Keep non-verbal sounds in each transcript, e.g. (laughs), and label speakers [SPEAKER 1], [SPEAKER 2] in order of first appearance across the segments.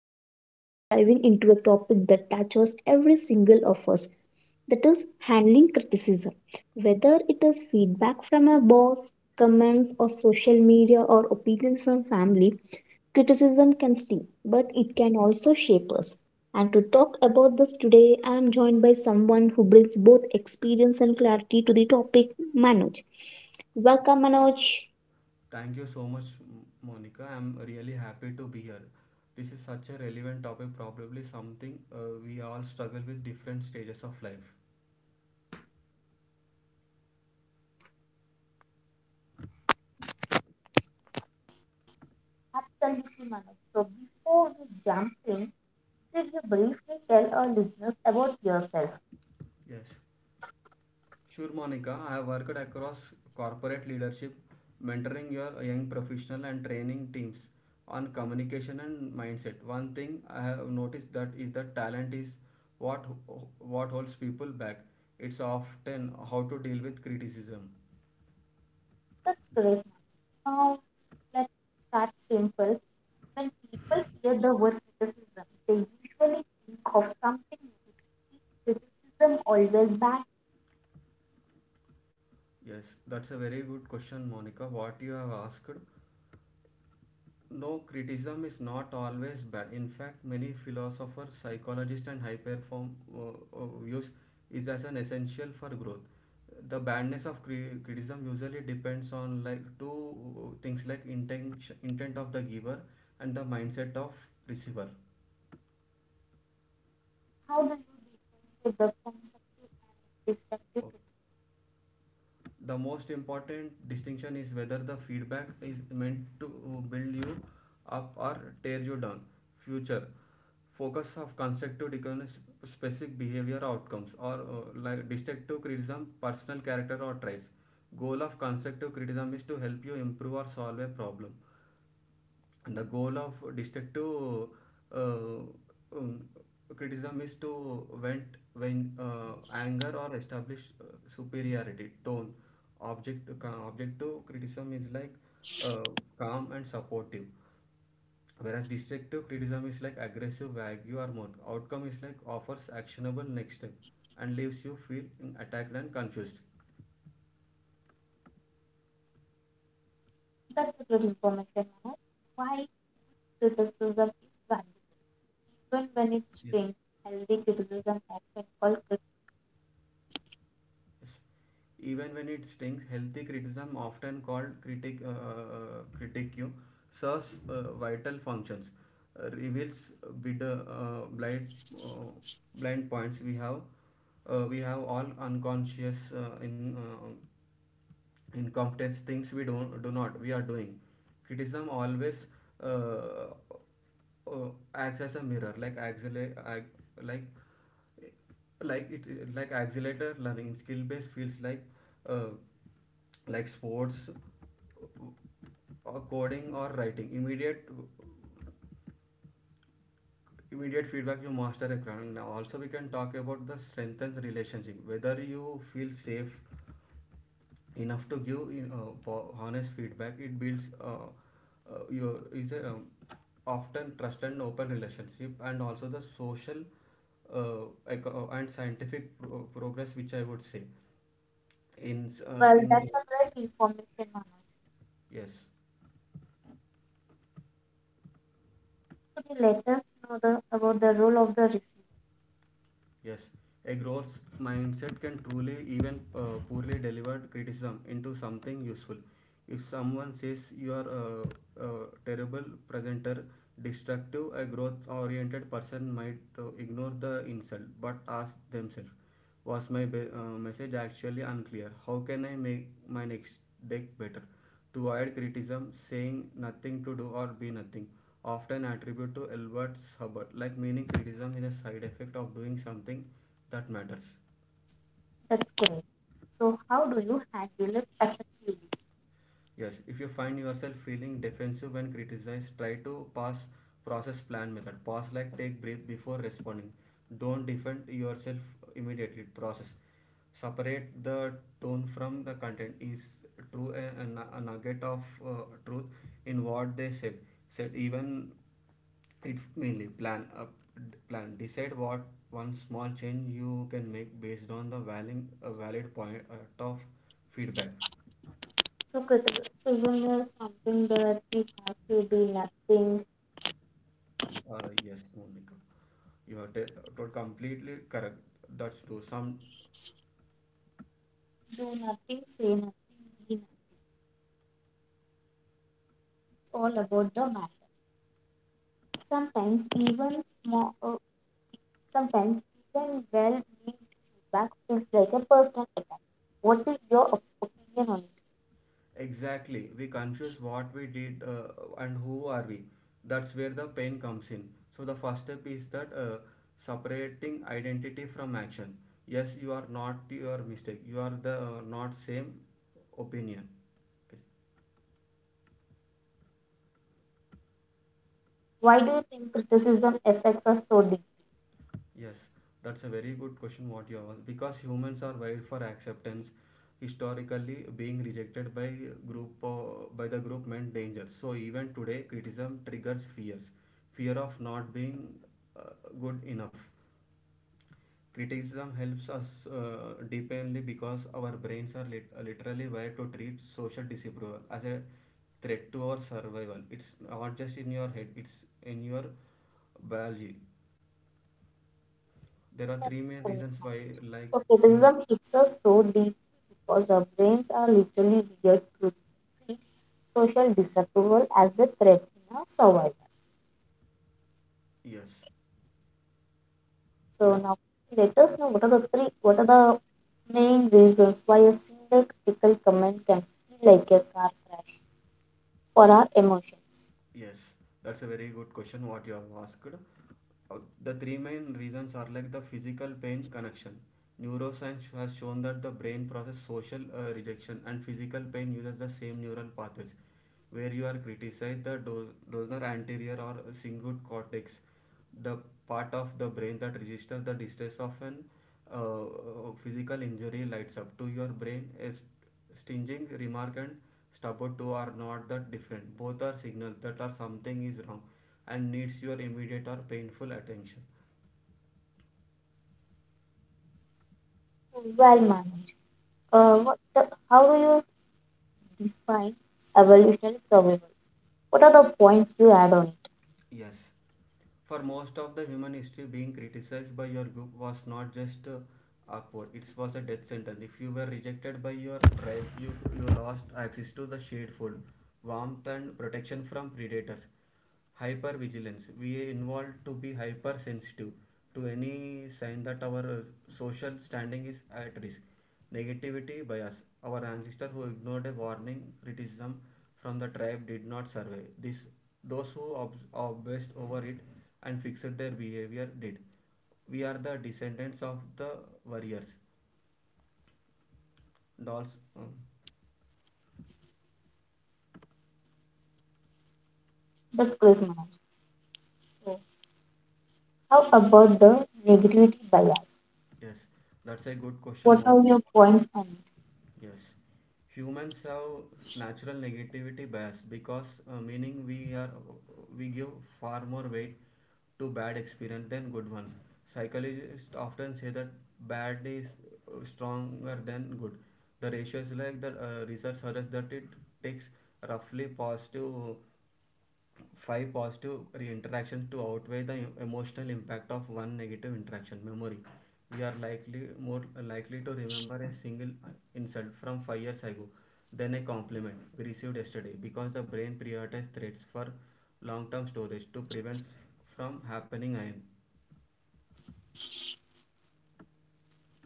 [SPEAKER 1] and today we are diving into a topic that touches every single of us, that is, handling criticism. Whether it is feedback from a boss, comments, or social media, or opinions from family, criticism can sting, but it can also shape us. And to talk about this today, I am joined by someone who brings both experience and clarity to the topic, Manoj. Welcome, Manoj.
[SPEAKER 2] Thank you so much, Monica. I'm really happy to be here. This is such a relevant topic, probably something we all struggle with different stages of life.
[SPEAKER 1] Selfie manner. So before we jump in, could you briefly tell our listeners about yourself?
[SPEAKER 2] Yes. Sure, Monica. I have worked across corporate leadership, mentoring your young professional and training teams on communication and mindset. One thing I have noticed that is that talent is what what holds people back. It's often how to deal with criticism.
[SPEAKER 1] That's great. Now let's start simple. When people hear the word criticism, they usually think of something negative. Criticism always bad.
[SPEAKER 2] Yes, that's a very good question, Monica. What you have asked. No, criticism is not always bad. In fact, many philosophers, psychologists, and high perform views is as an essential for growth. The badness of criticism usually depends on like two things like intent of the giver and the mindset of receiver.
[SPEAKER 1] How do you get the constructive stuff?
[SPEAKER 2] The most important distinction is whether the feedback is meant to build you up or tear you down. Future focus of constructive criticism is specific behavior outcomes, or like destructive criticism, personal character or traits. Goal of constructive criticism is to help you improve or solve a problem, and the goal of destructive uh, um, criticism is to vent when anger or establish superiority tone. Objective criticism is like uh, calm and supportive, whereas destructive criticism is like aggressive, vague, or more. Outcome is like offers actionable next step and leaves you feeling attacked and confused.
[SPEAKER 1] That's a good information, Manoj. Why criticism is valid, even when it's
[SPEAKER 2] Yes.
[SPEAKER 1] strange. Healthy criticism often called crit-
[SPEAKER 2] (laughs) Even when it stings, healthy criticism, often called critic critique, serves vital functions. Uh, reveals bid, blind uh, blind points we have. We have all unconscious in incompetence, things we don't do not we are doing. Criticism always uh, uh, acts as a mirror, like axle like like, like it like accelerator learning in skill based fields uh, like sports or coding or writing. Immediate feedback, you master a ground. Now also we can talk about the strengthens relationship, whether you feel safe enough to give you honest feedback. It builds your is a often trust and open relationship, and also the social and scientific progress, which I would say in
[SPEAKER 1] Well,
[SPEAKER 2] in.
[SPEAKER 1] that's a great information, Manoj.
[SPEAKER 2] Yes.
[SPEAKER 1] Could you let us know about the role of the receiver?
[SPEAKER 2] Yes, a growth mindset can truly, even poorly delivered criticism, into something useful. If someone says you are a terrible presenter, destructive, a growth oriented person might ignore the insult but ask themselves, was my message actually unclear? How can I make my next deck better? To avoid criticism, saying nothing to do or be nothing, often attributed to Albert Hubbard, like meaning criticism is a side effect of doing something that matters.
[SPEAKER 1] That's great. So, how do you handle it effectively?
[SPEAKER 2] Yes, if you find yourself feeling defensive when criticized, try to pass process plan method. Pause, like take breath before responding. Don't defend yourself immediately. Process. Separate the tone from the content. Is true a a nugget of truth in what they said. Said, even it mainly plan up plan, decide what one small change you can make based on the valid, point of feedback.
[SPEAKER 1] So criticism is something that we have to
[SPEAKER 2] Yes, Monica. You are completely correct. That's true. Some
[SPEAKER 1] do nothing, say nothing, be nothing. It's all about the man. Sometimes even small, sometimes even well meant feedback feels like a personal attack. What is your opinion on it?
[SPEAKER 2] exactly. We confuse what we did and who are we. That's where the pain comes in. So the first step is that separating identity from action. Yes, you are not your mistake. You are the not same opinion. Yes.
[SPEAKER 1] Why do you think criticism affects us so deeply?
[SPEAKER 2] Yes, that's a very good question what you asked, because humans are wired for acceptance. Historically, being rejected by group by the group meant danger. So even today, criticism triggers fears, fear of not being uh, good enough. Criticism helps us deeply, because our brains are literally wired to treat social disapproval as a threat to our survival. It's not just in your head; it's in your biology. There are three main reasons why, like,
[SPEAKER 1] So
[SPEAKER 2] seeing.
[SPEAKER 1] feminism hits us so deeply because our brains are literally wired to treat social disapproval as a threat in our survival.
[SPEAKER 2] Yes,
[SPEAKER 1] So
[SPEAKER 2] the,
[SPEAKER 1] now let us know what are the three, what are the main reasons why a single critical comment can feel like a car crash for our emotions.
[SPEAKER 2] yes, that's a very good question. What you have asked. Uh, the three main reasons are like the physical pain connection. Neuroscience has shown that the brain process social rejection and physical pain uses the same neural pathways, where you are criticized the dorsal anterior or cingulate cortex, the part of the brain that registers the distress of an uh, uh, physical injury lights up to your brain as stinging remark and stubborn toe are not that different. Both are signals that are something is wrong and needs your immediate or painful attention.
[SPEAKER 1] Well managed. How do you define evolutionary survival? What are the points you add on it?
[SPEAKER 2] Yes. For most of the human history, being criticized by your group was not just awkward, it was a death sentence. If you were rejected by your tribe, you lost access to the shade food, warmth, and protection from predators. Hypervigilance. We involved to be hypersensitive to any sign that our social standing is at risk. Negativity bias. Our ancestors who ignored a warning, criticism, from the tribe did not survive. This, those who obsessed over it and fixed their behavior did. We are the descendants of the warriors. Dolls. Um,
[SPEAKER 1] That's great, Manoj. How about the negativity bias?
[SPEAKER 2] yes, that's a good question.
[SPEAKER 1] What
[SPEAKER 2] What?
[SPEAKER 1] are your points on it?
[SPEAKER 2] Yes, humans have natural negativity bias, because meaning we give far more weight to bad experience than good ones. Psychologists often say that bad is stronger than good. The ratio is like that. Research suggests that it takes roughly positive five positive interactions to outweigh the emotional impact of one negative interaction memory. We are likely more likely to remember a single insult from 5 years ago than a compliment we received yesterday, because the brain prioritizes threats for long term storage to prevent from happening again.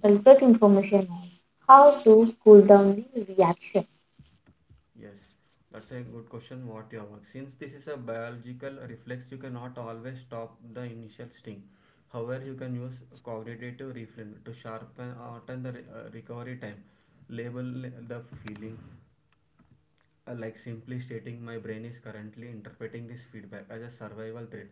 [SPEAKER 1] Cultural information on how to cool down the reaction.
[SPEAKER 2] Yes, that's a good question, what you have. Since this is a biological reflex, you cannot always stop the initial sting. However, you can use cognitive refrain to sharpen or turn the recovery time. Label the feeling, like simply stating my brain is currently interpreting this feedback as a survival threat,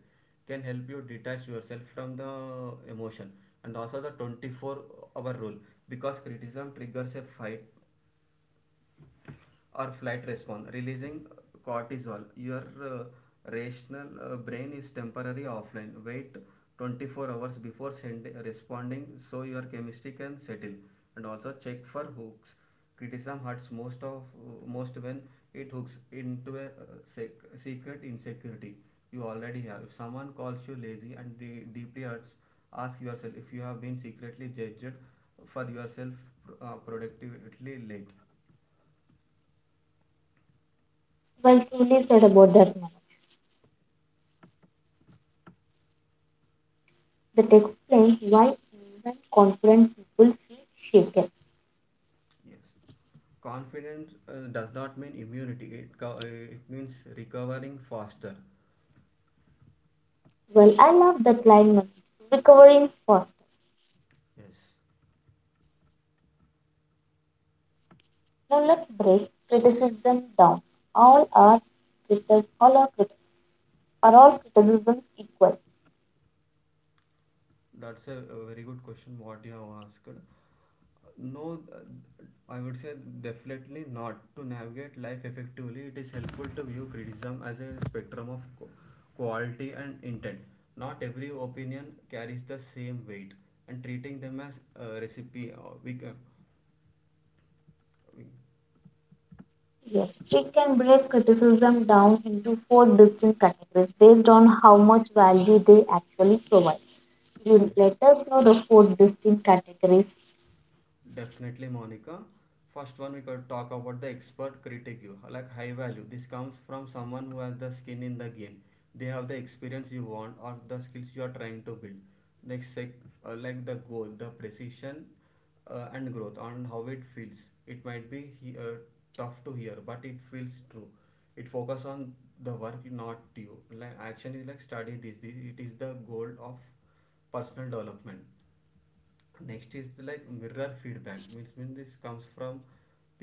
[SPEAKER 2] can help you detach yourself from the emotion. And also the 24-hour rule, because criticism triggers a fight or flight response releasing cortisol. Your uh, rational brain is temporarily offline. Wait 24 hours before send, responding, so your chemistry can settle. And also check for hooks. Criticism hurts most of most when it hooks into a secret insecurity you already have. If someone calls you lazy and deeply hurts, ask yourself if you have been secretly judged for yourself productively late.
[SPEAKER 1] While truly sad about that moment, that explains why even confident people feel shaken.
[SPEAKER 2] Yes. Confidence does not mean immunity. It it means recovering faster.
[SPEAKER 1] Well, I love that line, Manoj. Recovering faster.
[SPEAKER 2] Yes.
[SPEAKER 1] Now let's break criticism down. All are critics, are all criticisms equal?
[SPEAKER 2] That's a very good question. What you have asked. No, uh, I would say definitely not. To navigate life effectively, it is helpful to view criticism as a spectrum of quality and intent. Not every opinion carries the same weight, and treating them as a recipe. We,
[SPEAKER 1] Yes, she can break criticism down into four distinct categories based on how much value they actually provide. You
[SPEAKER 2] yes.
[SPEAKER 1] let us know the four distinct categories.
[SPEAKER 2] Definitely, Monica. First one, we could talk about the expert critic, you like high value. This comes from someone who has the skin in the game. They have the experience you want or the skills you are trying to build. Next, like the goal, the precision and growth and how it feels. It might be tough to hear, but it feels true. It focus on the work, not you. Like action is like study this. This it is the goal of personal development. Next is the, like mirror feedback means this comes from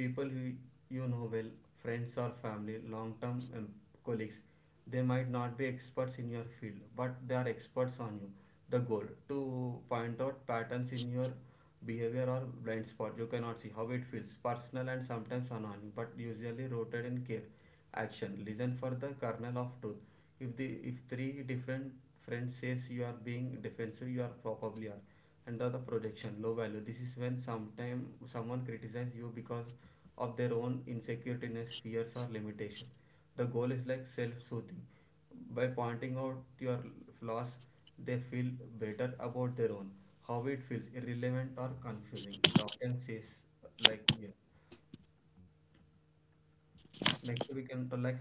[SPEAKER 2] people who you know well, friends or family long term, colleagues. They might not be experts in your field, but they are experts on you. The goal to point out patterns in your behavior or blind spot you cannot see. How it feels personal and sometimes annoying, but usually rooted in care. Action, listen for the kernel of truth. If the if three different friends says you are being defensive, you are probably are under the projection low value. This is when sometime someone criticizes you because of their own insecurities, fears or limitation. The goal is like self-soothing. By pointing out your flaws, they feel better about their own. How it feels irrelevant or confusing. It often says like, yeah. Next we can like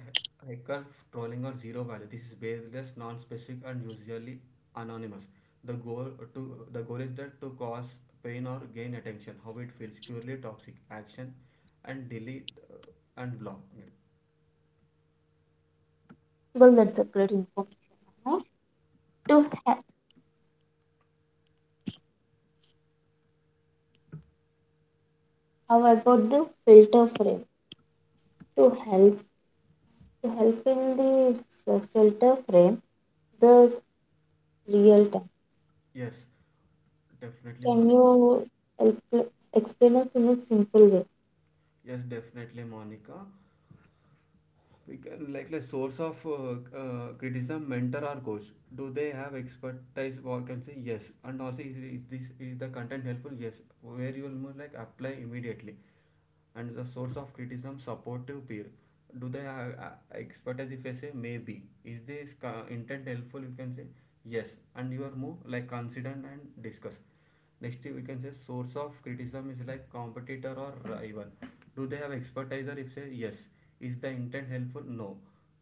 [SPEAKER 2] hacker trolling or zero value. This is baseless, non-specific, and usually anonymous. The goal the goal is that to cause pain or gain attention. How it feels purely toxic action, and delete and block.
[SPEAKER 1] Well, that's a great information. Huh? To he- how about the filter frame? To help in the filter frame, the real time.
[SPEAKER 2] Yes, definitely,
[SPEAKER 1] Can
[SPEAKER 2] Monica.
[SPEAKER 1] you help explain us in a simple way?
[SPEAKER 2] Yes, definitely, Monica. We can like the source of criticism, mentor or coach. Do they have expertise? Or can say yes. And also is this is the content helpful? Yes. Where you will more like apply immediately. And the source of criticism, supportive peer, do they have expertise? If I say maybe, is this intent helpful, you can say yes, and you are more like consider and discuss. Next we can say source of criticism is like competitor or rival. Do they have expertise? If say yes. Is the intent helpful? No.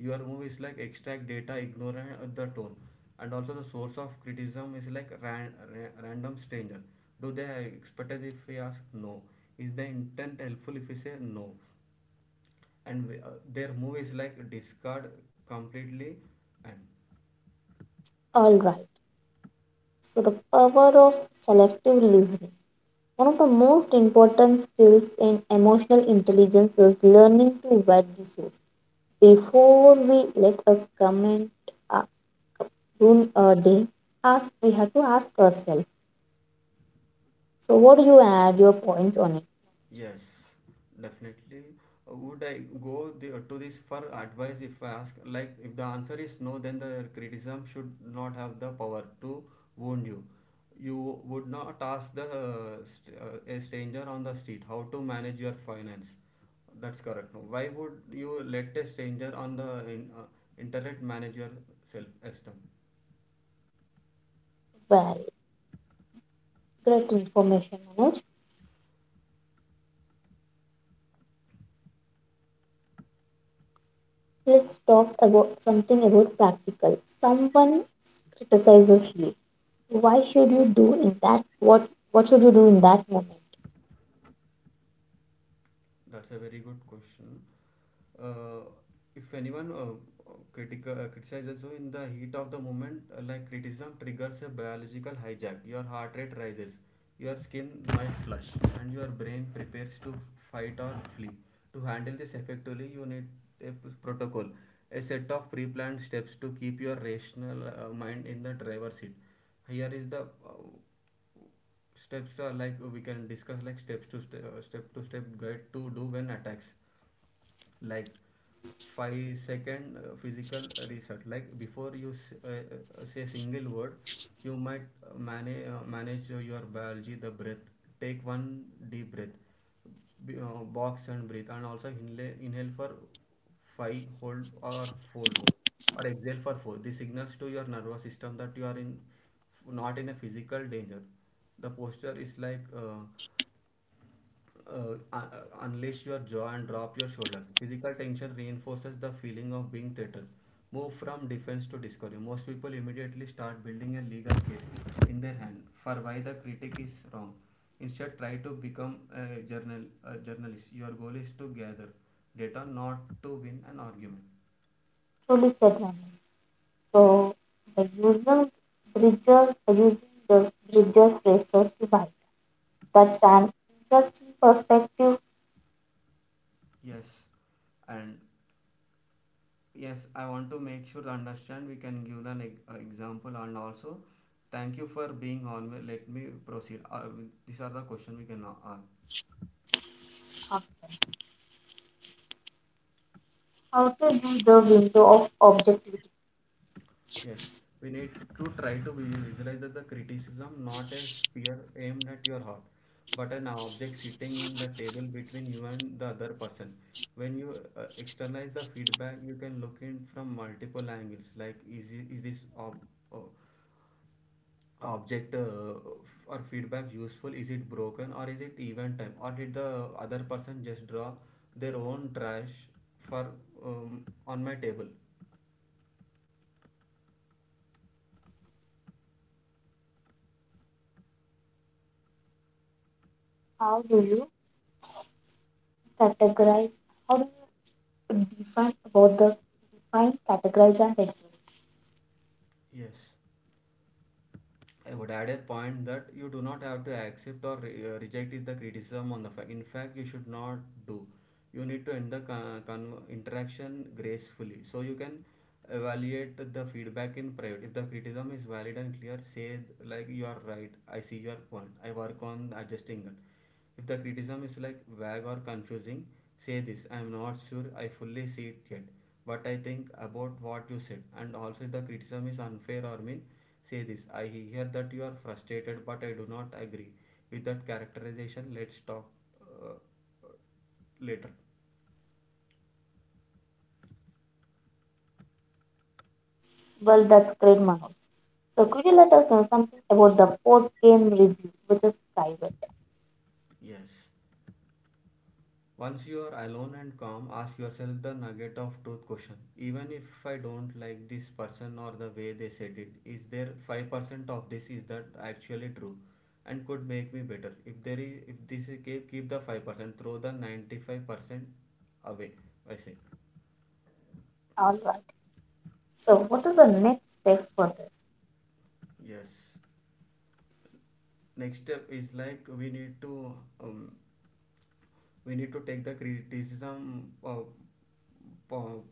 [SPEAKER 2] Your move is like extract data, ignore the tone. And also the source of criticism is like random stranger. Do they have expertise? If we ask, no. Is the intent helpful? If we say, no. And their movies like discard completely. And
[SPEAKER 1] All right. So the power of selective listening. One of the most important skills in emotional intelligence is learning to vet the source. Before we let a comment uh, ruin a day, ask, we have to ask ourselves. So, what do you add your points on it?
[SPEAKER 2] yes, definitely. Would I go to this for advice? If I ask like if the answer is no, then the criticism should not have the power to wound you. You would not ask the a stranger on the street how to manage your finance. That's correct. No, why would you let a stranger on the in, uh, internet manage your self esteem?
[SPEAKER 1] Well, great information, Manoj. Let's talk about something about practical. Someone criticizes you. Why should you do in that? What should you do in that moment?
[SPEAKER 2] That's a very good question. Uh, if anyone critical criticizes you in the heat of the moment, like criticism triggers a biological hijack. Your heart rate rises, your skin might flush, and your brain prepares to fight or flee. To handle this effectively, you need protocol, a set of pre-planned steps to keep your rational mind in the driver's seat. Here is the steps are like we can discuss like step to step guide to do when attacks like 5-second physical reset. Like before you uh, say single word, you might manage your biology the breath. Take one deep breath, box and breathe, and also inhale for 5, hold or fold hold, or exhale for 4. This signals to your nervous system that you are in not in a physical danger. The posture is like unleash your jaw and drop your shoulders. Physical tension reinforces the feeling of being threatened. Move from defense to discovery. Most people immediately start building a legal case in their hand for why the critic is wrong. Instead, try to become a journalist. Your goal is to gather data, not to win an argument.
[SPEAKER 1] Truly said, Manoj. So the user bridges the using the bridges braces to white. That's an interesting perspective.
[SPEAKER 2] Yes, and yes, I want to make sure to understand. We can give an example, and also thank you for being on. Well, let me proceed. These are the questions we can ask.
[SPEAKER 1] How to do the window of objectivity?
[SPEAKER 2] Yes, we need to try to visualize that the criticism not a spear aimed at your heart, but an object sitting in the table between you and the other person. When you externalize the feedback, you can look in from multiple angles. Like, is this uh, object or feedback useful? Is it broken, or is it event time, or did the other person just draw their own trash for on my table?
[SPEAKER 1] How do you categorize? How do you define about the define, categorize and exist?
[SPEAKER 2] Yes, I would add a point that you do not have to accept or reject is the criticism on the fact. In fact, you should not do. You need to end the interaction gracefully, so you can evaluate the feedback in private. If the criticism is valid and clear, say like, you are right, I see your point, I work on adjusting it. If the criticism is like vague or confusing, say this, I am not sure I fully see it yet, but I think about what you said. And also if the criticism is unfair or mean, say this, I hear that you are frustrated, but I do not agree with that characterization. Let's talk uh, later.
[SPEAKER 1] Well, that's great, Manoj. So could you let us know something about the post game review, which is private?
[SPEAKER 2] Yes. Once you are alone and calm, ask yourself the nugget of truth question. Even if I don't like this person or the way they said it, is there 5% of this is that actually true and could make me better? If there is, if this is, keep the 5%, throw the 95% away. I say.
[SPEAKER 1] All right. So what is the next step for this?
[SPEAKER 2] Yes. Next step is like um, we need to take the criticism po-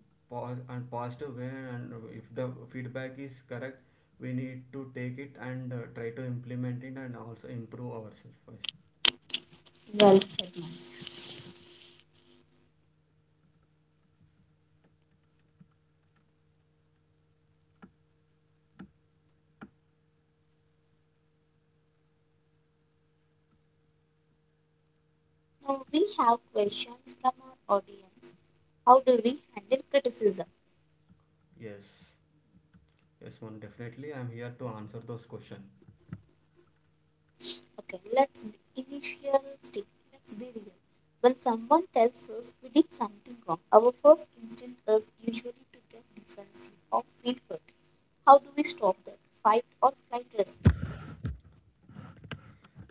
[SPEAKER 2] and positive way. And if the feedback is correct, we need to take it and try to implement it, and also improve ourselves.
[SPEAKER 1] Well said. Now we have questions from our audience. How do we handle criticism?
[SPEAKER 2] Yes. Yes, one definitely, I'm here to answer those questions.
[SPEAKER 1] Okay, let's be initial still. Let's be real. When someone tells us we did something wrong, our first instinct is usually to get defensive or feel hurt. How do we stop that fight or flight response?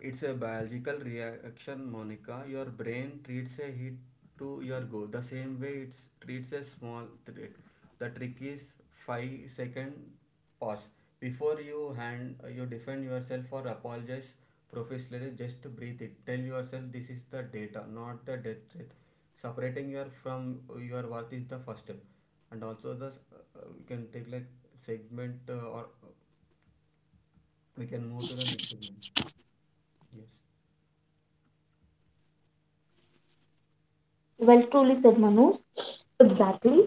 [SPEAKER 2] It's a biological reaction, Monica. Your brain treats a hit to your go the same way it treats a small threat. The trick is 5-second pause before you hand you defend yourself or apologize professionally. Just breathe it. Tell yourself this is the data, not the death threat. Separating your from your worth is the first step, and also the we can take like segment or we can move to the next segment. Yes.
[SPEAKER 1] Well, truly said, Manoj. Exactly.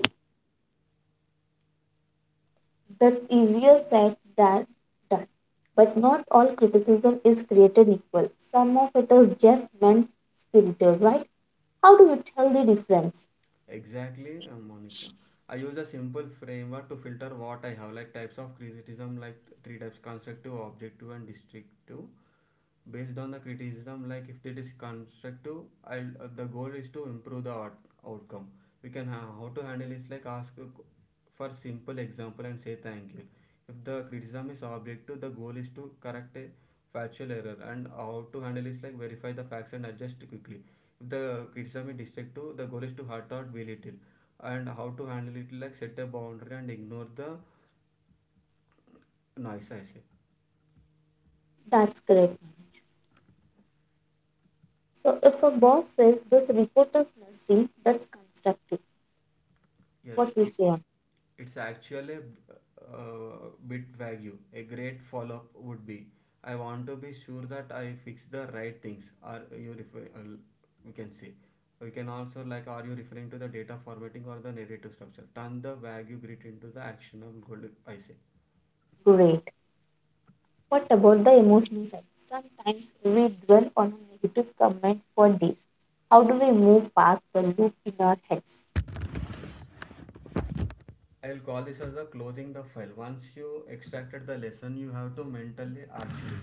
[SPEAKER 1] That's easier said than done. But not all criticism is created equal. Some of it is just meant spirited, right? How do we tell the difference?
[SPEAKER 2] Exactly, Monica. I use a simple framework to filter what I have, like types of criticism, like three types: constructive, objective, and destructive. Based on the criticism, like if it is constructive, the goal is to improve the outcome. We can how to handle is like ask a for simple example and say thank you. If the criticism is objective, the goal is to correct a factual error, and how to handle is like verify the facts and adjust quickly. If the criticism is destructive, the goal is to hurt or belittle, and how to handle it like set a boundary and ignore the noise, I say.
[SPEAKER 1] That's correct. So if a boss says this report is messy, that's constructive.
[SPEAKER 2] Yes.
[SPEAKER 1] What we say on
[SPEAKER 2] It's actually a bit vague. A great follow up would be, I want to be sure that I fix the right things. Are you we can say, we can also like, are you referring to the data formatting or the narrative structure? Turn the vague grid into the actionable goal, I say.
[SPEAKER 1] great. What about the emotional side? Sometimes we dwell on a negative comment for days. How do we move past the loop in our heads?
[SPEAKER 2] I'll call this as a closing the file. Once you extracted the lesson, you have to mentally archive.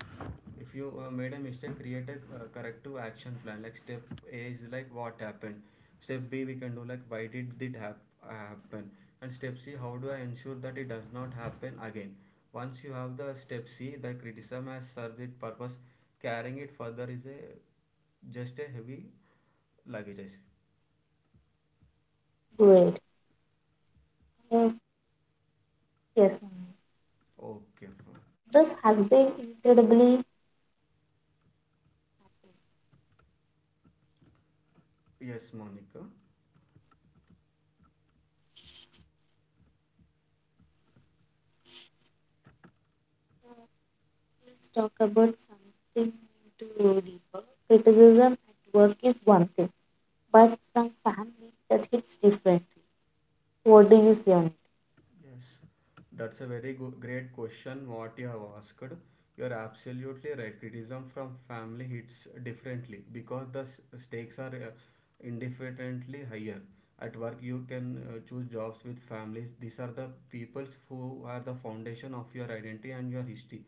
[SPEAKER 2] If you made a mistake, create a corrective action plan. Like step A is like what happened. Step B we can do like why did it happen, and step C how do I ensure that it does not happen again. Once you have the step C, the criticism has served its purpose. Carrying it further is a just a heavy luggage.
[SPEAKER 1] Great. Uh, yes, ma'am.
[SPEAKER 2] Okay.
[SPEAKER 1] This has been incredibly.
[SPEAKER 2] Yes, Monica.
[SPEAKER 1] Let's talk about something to deeper. Criticism at work is one thing, but from family that hits differently. What do you say on it?
[SPEAKER 2] Yes, that's a very great question. What you have asked, you're absolutely right. Criticism from family hits differently because the stakes are indefinitely higher. At work, you can choose jobs with families. These are the peoples who are the foundation of your identity and your history.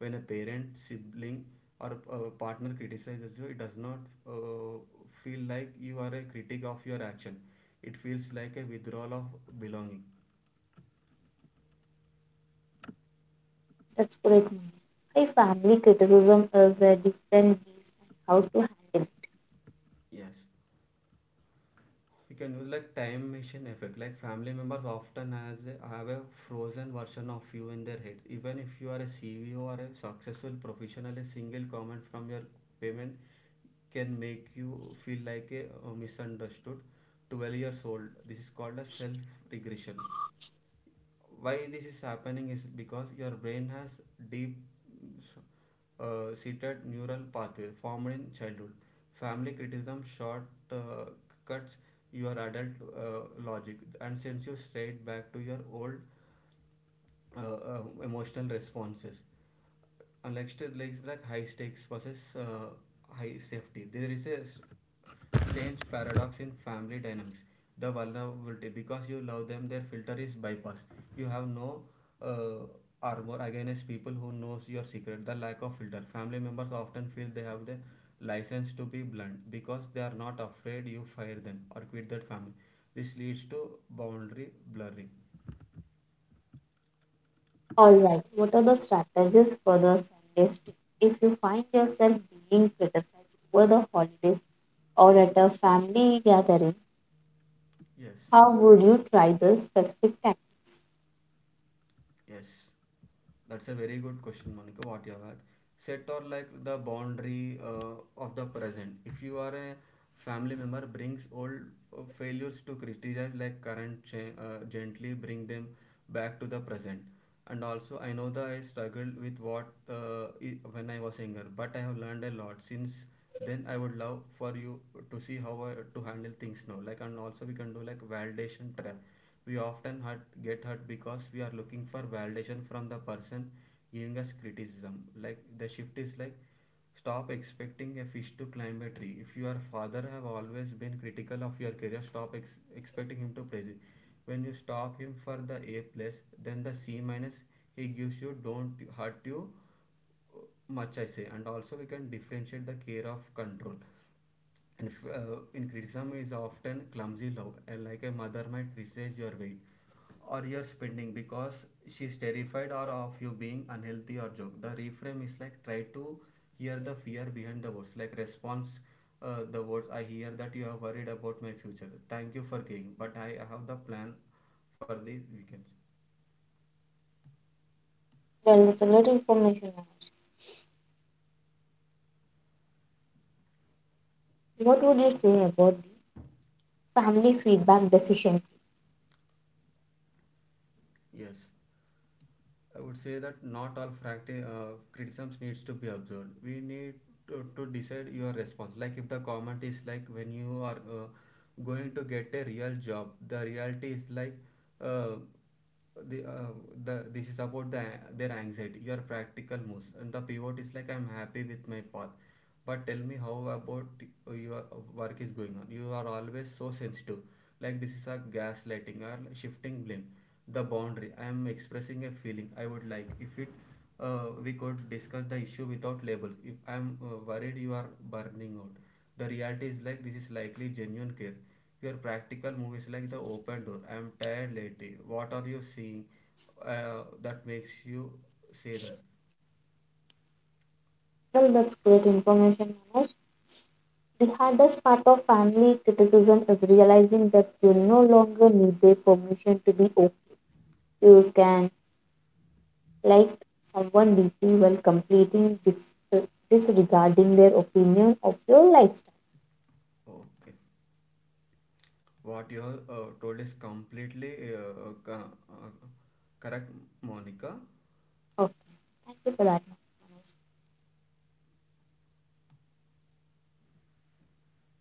[SPEAKER 2] When a parent, sibling, or partner criticizes you, it does not uh, feel like you are a critic of your action. It feels like a withdrawal of belonging.
[SPEAKER 1] That's great, ma'am. Why family criticism is a different beast and how to handle it.
[SPEAKER 2] Yes. We can use like time machine effect. Like family members often has have a frozen version of you in their heads. Even if you are a CEO or a successful professional, a single comment from your payment can make you feel like a misunderstood 12 years old. This is called a self regression. Why this is happening is because your brain has deep seated neural pathway formed in childhood. Family criticism short uh, cuts your adult logic and sends you straight back to your old emotional responses. Unlike high stakes versus high safety, there is a strange paradox in family dynamics. The vulnerability, because you love them, their filter is bypassed. You have no uh, armor against people who knows your secret. The lack of filter. Family members often feel they have the license to be blunt because they are not afraid you fire them or quit that family. This leads to boundary blurring.
[SPEAKER 1] Alright, what are the strategies for the Sundays too? If you find yourself being criticized over the holidays or at a family gathering,
[SPEAKER 2] Yes.
[SPEAKER 1] how would you try this specific tactic?
[SPEAKER 2] Yes, that's a very good question, Monica. What you have asked. Set or like the boundary of the present. If you are a family member, brings old failures to criticize like current, gently bring them back to the present. And also, I know that I struggled with what when I was younger, but I have learned a lot since then. I would love for you to see how to handle things now. Like, and also we can do like validation trap. We often hurt, get hurt because we are looking for validation from the person giving us criticism. Like the shift is like, stop expecting a fish to climb a tree. If your father have always been critical of your career, stop expecting him to praise it. When you stop him for the A plus, then the C minus he gives you don't hurt you much, I say. And also we can differentiate the care of control. And in criticism is often clumsy love, like a mother might criticize your weight, or you're spending because she's terrified or of you being unhealthy or joke. The reframe is like try to hear the fear behind the words, like response: the words I hear that you are worried about my future. Thank you for caring, but I have the plan for the weekends.
[SPEAKER 1] Well, that's a lot of information. What would you say about the family feedback decision?
[SPEAKER 2] Yes, I would say that not all criticisms needs to be observed. We need to decide your response. Like if the comment is like when you are going to get a real job, the reality is like uh, the, uh, the this is about their anxiety, your practical moves, and the pivot is like I'm happy with my path. But tell me how about your work is going on. You are always so sensitive. Like this is a gaslighting or shifting blame. The boundary: I am expressing a feeling. I would like if it, we could discuss the issue without labels. If I am worried you are burning out, the reality is like this is likely genuine care. Your practical move is like the open door: I am tired lately. What are you seeing that makes you say that?
[SPEAKER 1] Well, that's great information, Manoj. The hardest part of family criticism is realizing that you no longer need their permission to be okay. You can like someone deeply while completing disregarding their opinion of your lifestyle.
[SPEAKER 2] Okay, what you have told is completely uh, uh, correct, Monica.
[SPEAKER 1] Oh, thank you for that.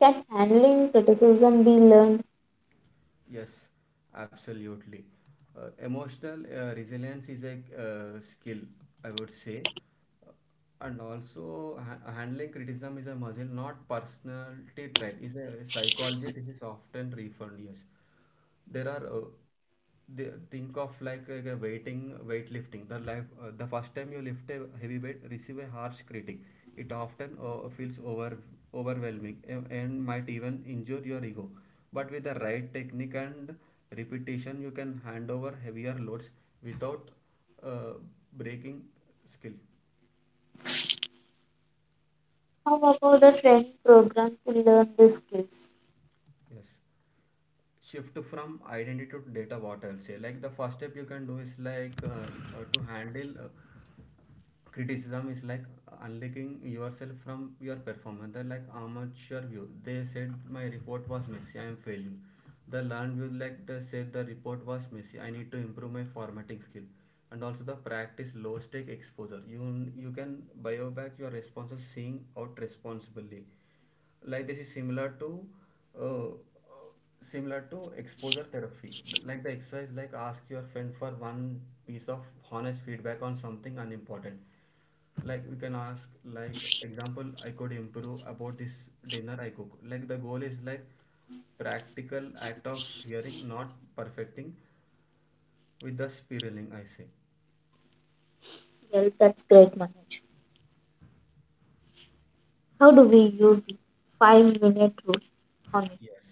[SPEAKER 1] Can handling criticism be learned?
[SPEAKER 2] Yes, absolutely. Emotional resilience is a skill, I would say. Uh, And also, handling criticism is a muscle, not personality trait. Is a psychology. This is often referred. Yes, there are they think of like a weighting weightlifting the life. The first time you lift a heavy weight, receive a harsh critic, it often feels overwhelming and might even injure your ego, but with the right technique and repetition you can hand over heavier loads without uh, breaking skill.
[SPEAKER 1] How about a training program to learn these skills?
[SPEAKER 2] Yes. Shift from identity to data, what I'll say. Like the first step you can do is like to handle criticism is like unlinking yourself from your performance. They're like amateur view. They said my report was messy. I am failing. The learned view like they said the report was messy. I need to improve my formatting skill. And also the practice low stake exposure. You can bio back your responses seeing out responsibly. Like this is similar to, uh, similar to exposure therapy. Like the exercise like ask your friend for one piece of honest feedback on something unimportant. Like we can ask like example, I could improve about this dinner I cook. Like the goal is like practical act of hearing, not perfecting, with the spiraling, I say.
[SPEAKER 1] Well, that's great, Manoj. How do we use the 5-minute rule on it?
[SPEAKER 2] Yes,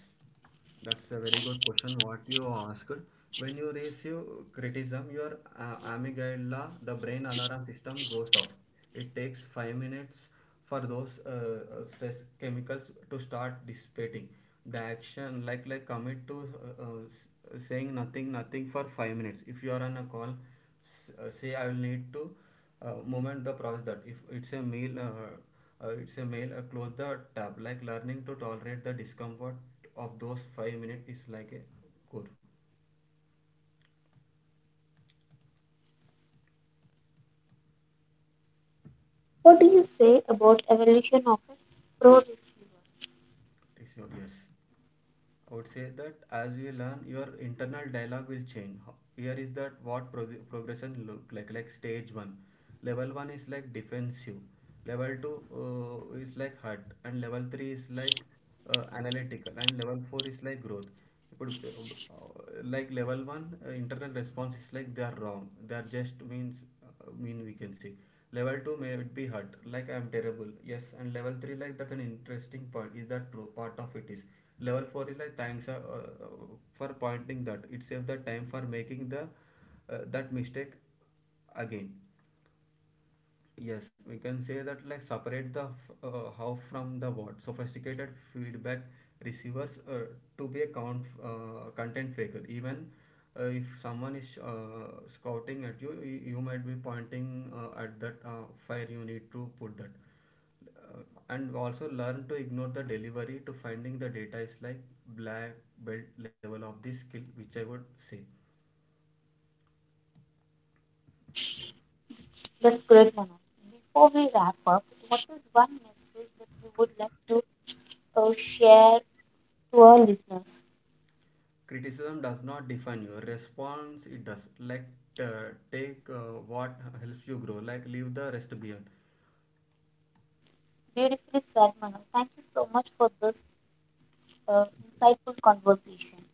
[SPEAKER 2] that's a very good question, what you asked. When you receive criticism, your amygdala, the brain alarm system, goes off. It takes 5 minutes for those stress chemicals to start dissipating. The action, like commit to saying nothing, nothing for 5 minutes. If you are on a call, say I will need to moment the process that. If it's a meal, it's a meal, close the tab. Like learning to tolerate the discomfort of those 5 minutes is like a core.
[SPEAKER 1] What do you say about evolution of a pro?
[SPEAKER 2] Is your yes. I would say that as you learn, your internal dialogue will change. Here is that what progression look like. Like stage one, level one is like defensive, level two is like hurt, and level three is like analytical, and level four is like growth. You put like level one internal response is like they are wrong. They are just means mean we can see. Level 2 may it be hurt, like I am terrible. Yes, and level 3 like that's an interesting point. Is that true? Part of it is. Level 4 is like thanks for pointing that. It saves the time for making the that mistake again. Yes, we can say that like separate the how from the what. Sophisticated feedback receivers to be a count, content faker. Even if someone is scouting at you, you might be pointing at that fire you need to put that. Uh, and also learn to ignore the delivery to finding the data is like black belt level of this skill, which I would say.
[SPEAKER 1] That's great, Manoj. Before we wrap up, what is one message that you would like to share to our listeners?
[SPEAKER 2] Criticism does not define you. Response it does, like take what helps you grow, like leave the rest behind.
[SPEAKER 1] Beautifully said, Manu. Thank you so much for this insightful conversation.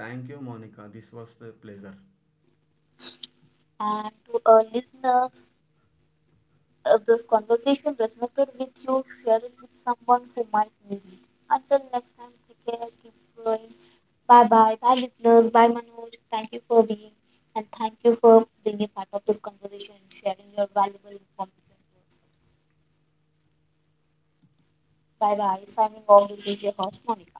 [SPEAKER 2] Thank you, Monica. This was a pleasure.
[SPEAKER 1] And to our listeners, this conversation resonated with you. Share it with someone who might need it. Until next time, take care, keep growing. Bye bye. Bye, listeners. Bye, Manoj. Thank you for being a part of this conversation and sharing your valuable information to us. Bye bye. Signing off, this is your host, Monica.